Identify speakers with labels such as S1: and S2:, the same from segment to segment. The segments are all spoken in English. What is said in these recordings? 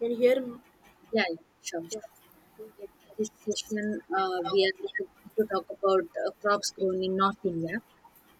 S1: And here.
S2: Yeah, yeah, sure. In this session, we are going to talk about crops grown in North India,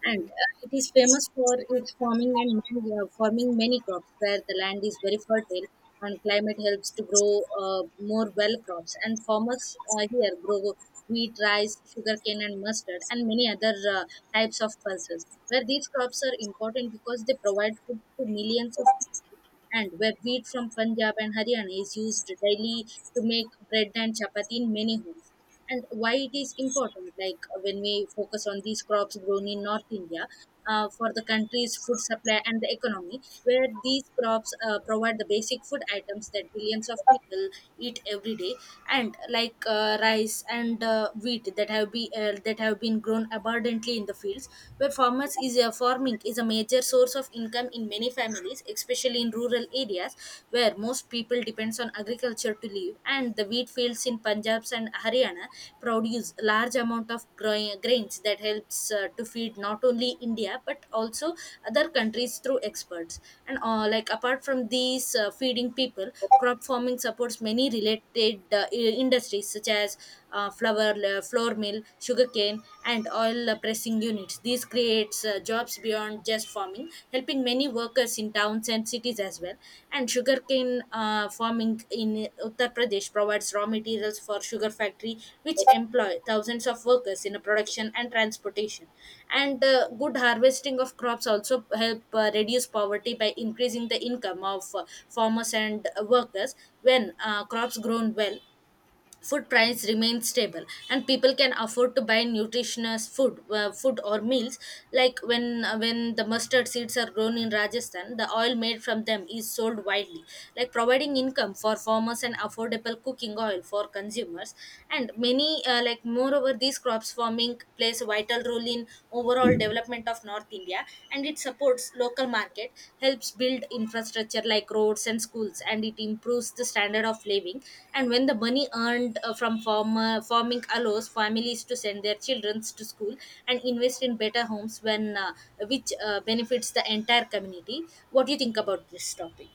S2: and it is famous for its farming and forming many crops where the land is very fertile and climate helps to grow more well crops. And farmers here grow wheat, rice, sugarcane, and mustard, and many other types of pulses. Where these crops are important because they provide food to millions of people, and where wheat from Punjab and Haryana is used daily to make bread and chapati in many homes. And why it is important, like when we focus on these crops grown in North India for the country's food supply and the economy, where these crops provide the basic food items that billions of people eat every day, and like rice and wheat that have been grown abundantly in the fields, where farmers is farming is a major source of income in many families, especially in rural areas where most people depends on agriculture to live. And the wheat fields in Punjab and Haryana produce large amount of growing grains that helps to feed not only India but also other countries through experts. And like apart from these feeding people, crop farming supports many related industries such as flour, flour mill, sugarcane, and oil pressing units. This creates jobs beyond just farming, helping many workers in towns and cities as well. And sugarcane farming in Uttar Pradesh provides raw materials for sugar factory, which employ thousands of workers in production and transportation. And good harvesting of crops also help reduce poverty by increasing the income of farmers and workers. When crops grown well, food price remains stable and people can afford to buy nutritious food or meals, like when the mustard seeds are grown in Rajasthan, the oil made from them is sold widely, like providing income for farmers and affordable cooking oil for consumers. And many like moreover, these crops farming plays a vital role in overall development of North India, and it supports local market, helps build infrastructure like roads and schools, and it improves the standard of living. And when the money earned from farmer farming allows families to send their children to school and invest in better homes, when which benefits the entire community. What do you think about this topic?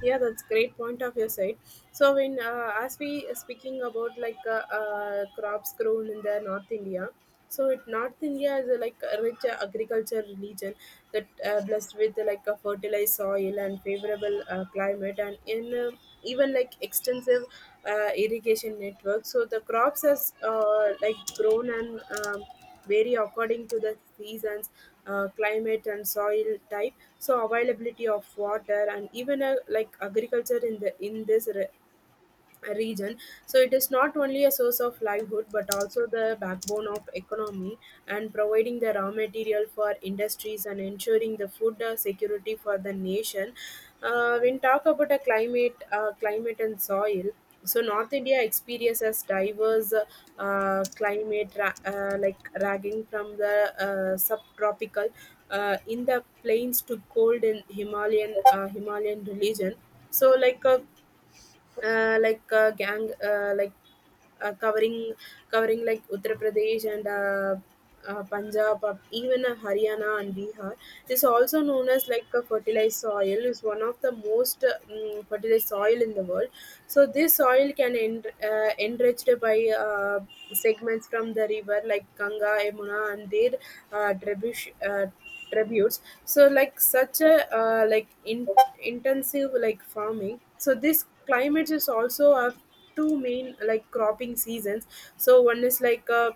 S1: Yeah, that's great point of your side. So when, as we are speaking about like crops grown in the North India. So North India is like a rich agriculture region that blessed with like a fertilized soil and favorable climate, and in even like extensive irrigation network. So the crops has like grown and vary according to the seasons, climate, and soil type. So availability of water, and even like agriculture in this region. So it is not only a source of livelihood, but also the backbone of economy, and providing the raw material for industries and ensuring the food security for the nation. Uh, when talk about a climate and soil, so North India experiences diverse climate, like ragging from the subtropical in the plains to cold in Himalayan region. So like a like gang like covering like Uttar Pradesh and Punjab, even Haryana and Bihar. This also known as like a fertilized soil is one of the most fertilized soil in the world. So this soil can enriched by segments from the river like Ganga, Yamuna, and their tributaries. Tributes, so like such a like intensive like farming. So this climate is also have two main like cropping seasons. So one is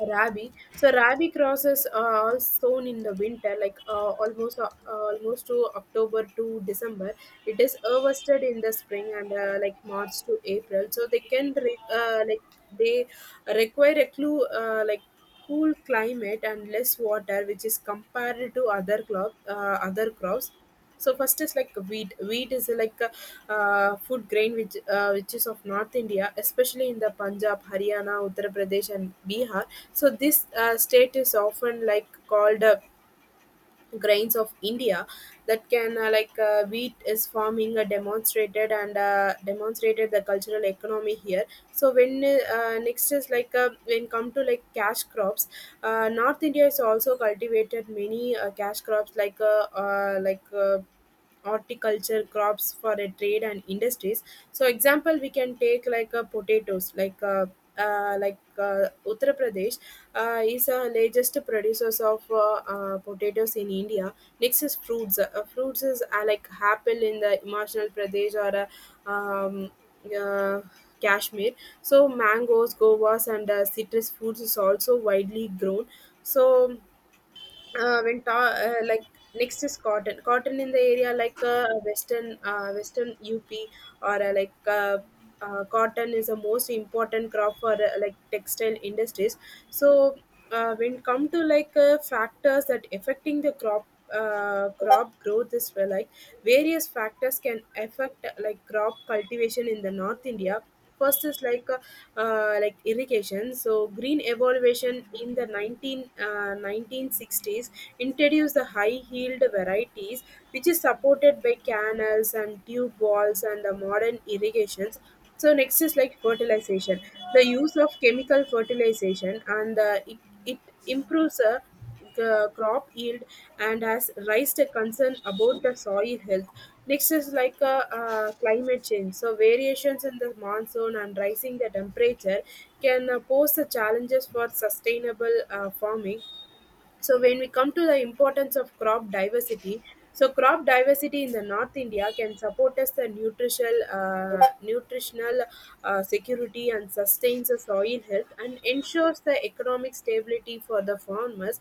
S1: Rabi. So Rabi crosses are sown in the winter, like almost to October to December. It is harvested in the spring, and like March to April. So they can re- like they require a clue like cool climate and less water, which is compared to other crops. So first is like wheat. Wheat is like a food grain which is of North India, especially in the Punjab, Haryana, Uttar Pradesh, and Bihar. So this state is often like called grains of India. That can wheat is farming demonstrated and demonstrated the cultural economy here. So when next is when come to like cash crops. Uh, North India is also cultivated many cash crops like horticulture crops for a trade and industries. So example, we can take like potatoes, like Uttar Pradesh is the largest producers of potatoes in India. Next is fruits. Fruits is like apple in the Himachal Pradesh or uh, um, uh, Kashmir. So mangoes, govas, and citrus fruits is also widely grown. So when ta- like next is cotton in the area like western up, or cotton is the most important crop for like textile industries. So when come to like factors that affecting the crop growth is well. Like various factors can affect like crop cultivation in the North India. First is like irrigation. So green evolution in the 1960s introduced the high yield varieties, which is supported by canals and tube walls and the modern irrigations. So next is like fertilization. The use of chemical fertilization and it improves the crop yield and has raised a concern about the soil health. Next is like climate change. So variations in the monsoon and rising the temperature can pose the challenges for sustainable farming. So when we come to the importance of crop diversity, so crop diversity in the North India can support us the nutritional security and sustains the soil health and ensures the economic stability for the farmers.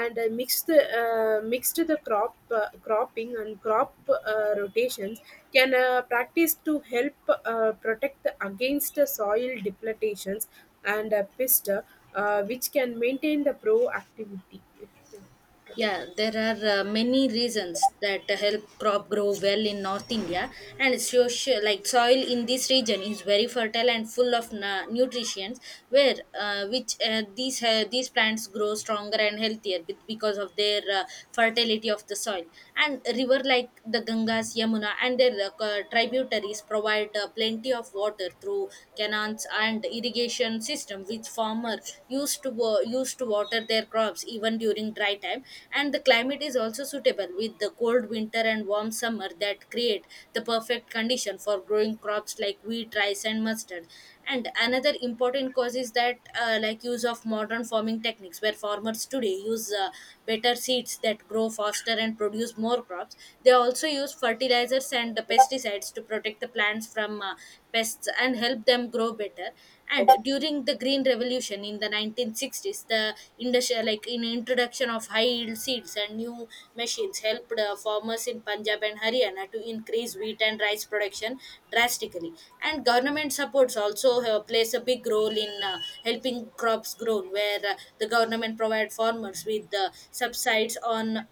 S1: And mixed the cropping and crop rotations can practice to help protect against the soil depletations and pest, which can maintain the proactivity. Yeah, product.
S2: Yeah, there are many reasons that help crop grow well in North India, and social like soil in this region is very fertile and full of nutrients, where which these plants grow stronger and healthier because of their fertility of the soil. And river like the Gangas, Yamuna, and their tributaries provide plenty of water through canals and irrigation system, which farmer used to water their crops even during dry time. And the climate is also suitable with the cold winter and warm summer that create the perfect condition for growing crops like wheat, rice, and mustard. And another important cause is that like use of modern farming techniques where farmers today use better seeds that grow faster and produce more crops. They also use fertilizers and pesticides to protect the plants from pests and help them grow better. And during the green revolution in the 1960s, the industrial like in introduction of high yield seeds and new machines helped farmers in Punjab and Haryana to increase wheat and rice production drastically. And government supports also plays a big role in helping crops grown, where the government provide farmers with subsides on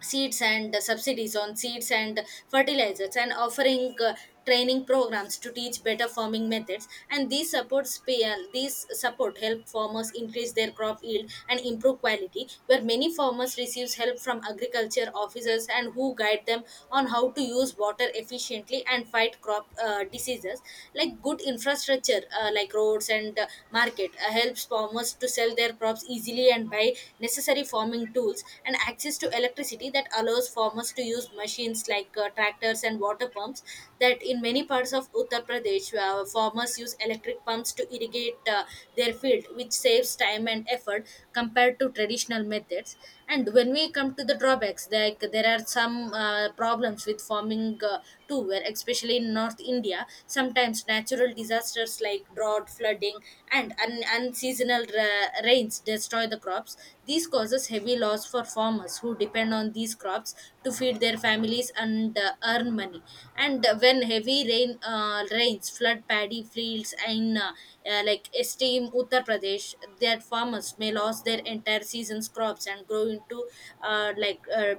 S2: seeds and subsidies on seeds and fertilizers, and offering training programs to teach better farming methods. And these support help farmers increase their crop yield and improve quality, where many farmers receives help from agriculture officers and who guide them on how to use water efficiently and fight crop diseases. Like good infrastructure like roads and market helps farmers to sell their crops easily and buy necessary farming tools, and access to electricity that allows farmers to use machines like tractors and water pumps. That in many parts of Uttar Pradesh, farmers use electric pumps to irrigate their field, which saves time and effort compared to traditional methods. And when we come to the drawbacks, like there are some problems with farming too, where especially in North India India, sometimes natural disasters like drought, flooding, and unseasonal rains destroy the crops. This causes heavy loss for farmers who depend on these crops to feed their families and earn money. And when heavy rain rains flood paddy fields in like esteem Uttar Pradesh, their farmers may lose their entire season's crops and grow into like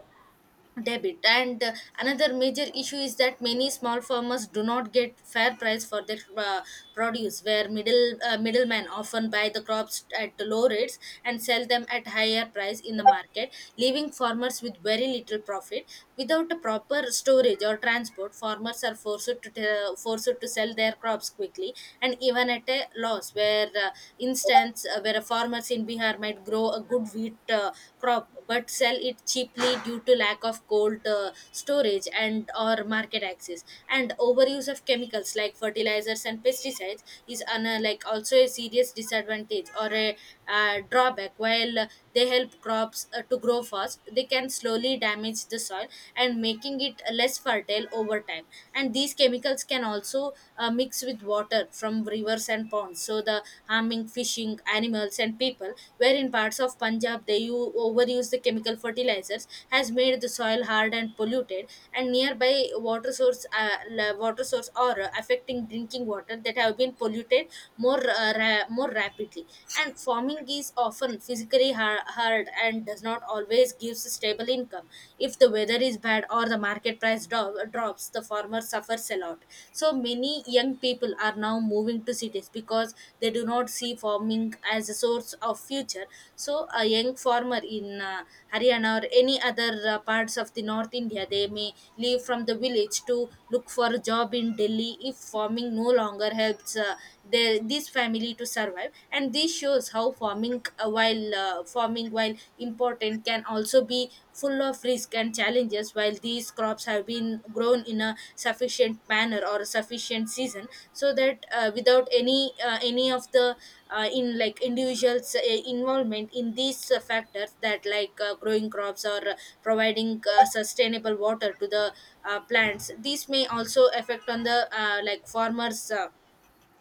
S2: debit, and another major issue is that many small farmers do not get fair price for their produce, where middlemen often buy the crops at low rates and sell them at higher price in the market, leaving farmers with very little profit. Without a proper storage or transport, farmers are forced to sell their crops quickly and even at a loss, where instance where a farmer's in Bihar might grow a good wheat crop but sell it cheaply due to lack of cold storage and or market access. And overuse of chemicals like fertilizers and pesticides is like also a serious disadvantage or a drawback. While they help crops to grow fast, they can slowly damage the soil and making it less fertile over time. And these chemicals can also mixed with water from rivers and ponds. So the harming fishing, animals, and people. Where in parts of Punjab they overuse the chemical fertilizers has made the soil hard and polluted. And nearby water source or affecting drinking water that have been polluted more rapidly. And farming is often physically hard and does not always give stable income. If the weather is bad or the market price drops, the farmer suffers a lot. So many young people are now moving to cities because they do not see farming as a source of future. So a young farmer in Haryana or any other parts of the North India, they may leave from the village to look for a job in Delhi if farming no longer helps this family to survive. And this shows how farming while important can also be full of risk and challenges, while these crops have been grown in a sufficient manner or a sufficient season, so that without any of the in like individuals involvement in these factors that like growing crops or providing sustainable water to the plants, these may also affect on the like farmers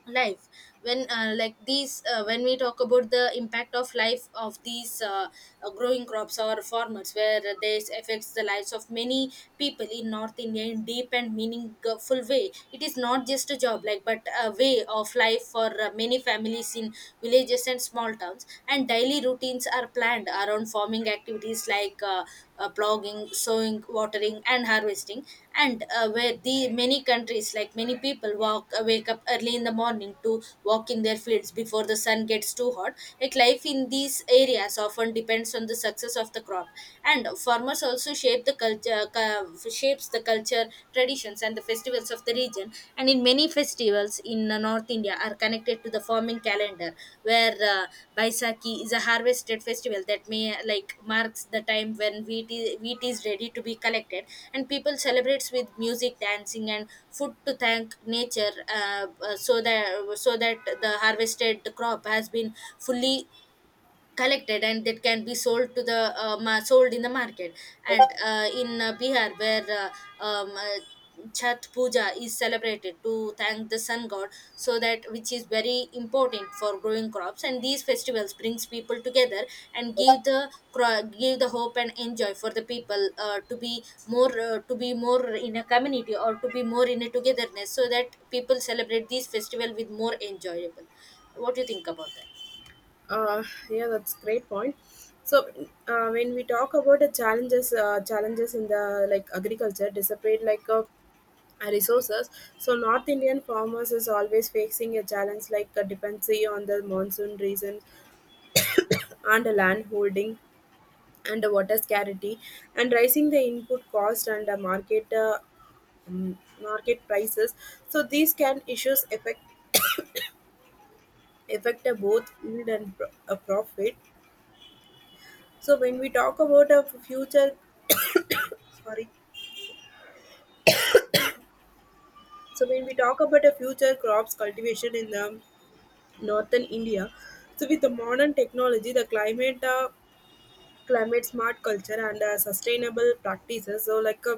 S2: life. When we talk about the impact of life of these growing crops or farmers, where this affects the lives of many people in North India in deep and meaningful way. It is not just a job, like, but a way of life for many families in villages and small towns, and daily routines are planned around farming activities like ploughing, sowing, watering, and harvesting, and where the many countries, like many people, walk wake up early in the morning to walk in their fields before the sun gets too hot. Like life in these areas often depends on the success of the crop, and farmers also shapes the culture, traditions, and the festivals of the region. And in many festivals in North India are connected to the farming calendar, where Baisakhi is a harvested festival that may like marks the time when wheat is ready to be collected. And people celebrates with music, dancing, and food to thank nature, so that the harvested crop has been fully collected and that can be sold to the sold in the market. And in Bihar, where Chhat Puja is celebrated to thank the sun god, so that which is very important for growing crops. And these festivals brings people together and give the hope and enjoy for the people to be more in a community or to be more in a togetherness, so that people celebrate these festival with more enjoyable. What do you think about that?
S1: Uh, yeah, that's great point. So when we talk about the challenges in the like agriculture dissipate like a resources. So North Indian farmers is always facing a challenge like a dependency on the monsoon reasons and the land holding and the water scarcity and rising the input cost and the market market prices. So these can issues affect both yield and profit. So when we talk about a future, sorry, so when we talk about a future crops cultivation in the northern India. So with the modern technology, the climate smart culture and sustainable practices. So like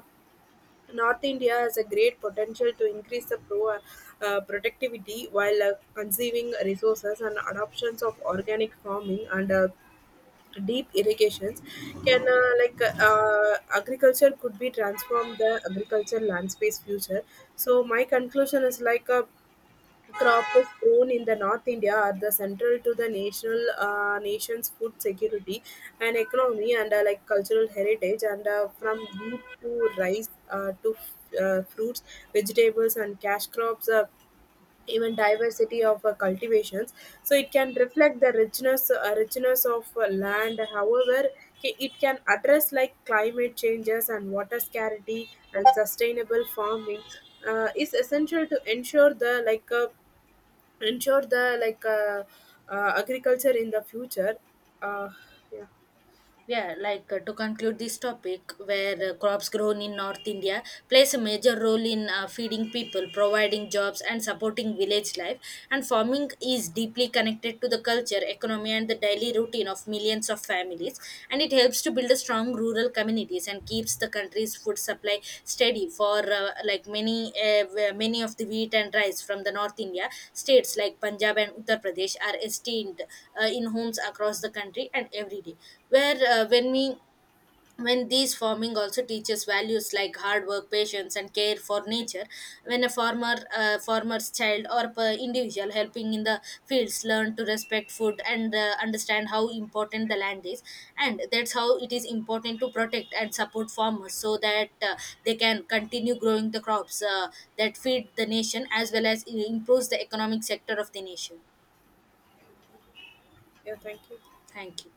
S1: North India has a great potential to increase the productivity while conserving resources and adoptions of organic farming and deep irrigations can agriculture could be transformed the agriculture land space future. So my conclusion is crop of corn in the North India are the central to the national nation's food security and economy, and like cultural heritage, and from wheat to rice to fruits, vegetables, and cash crops, even diversity of cultivations. So it can reflect the richness of land. However, it can address like climate changes and water scarcity, and sustainable farming is essential to ensure the agriculture in the future. uh, yeah.
S2: Yeah, like to conclude this topic, where crops grown in North India plays a major role in feeding people, providing jobs, and supporting village life. And farming is deeply connected to the culture, economy, and the daily routine of millions of families. And it helps to build a strong rural communities and keeps the country's food supply steady for like many where many of the wheat and rice from the North India states like Punjab and Uttar Pradesh are esteemed in homes across the country and every day, where when these farming also teaches values like hard work, patience, and care for nature. When a farmer's child or per individual helping in the fields learn to respect food and understand how important the land is, and that's how it is important to protect and support farmers so that they can continue growing the crops that feed the nation as well as improves the economic sector of the nation.
S1: Yeah, thank you.
S2: Thank you.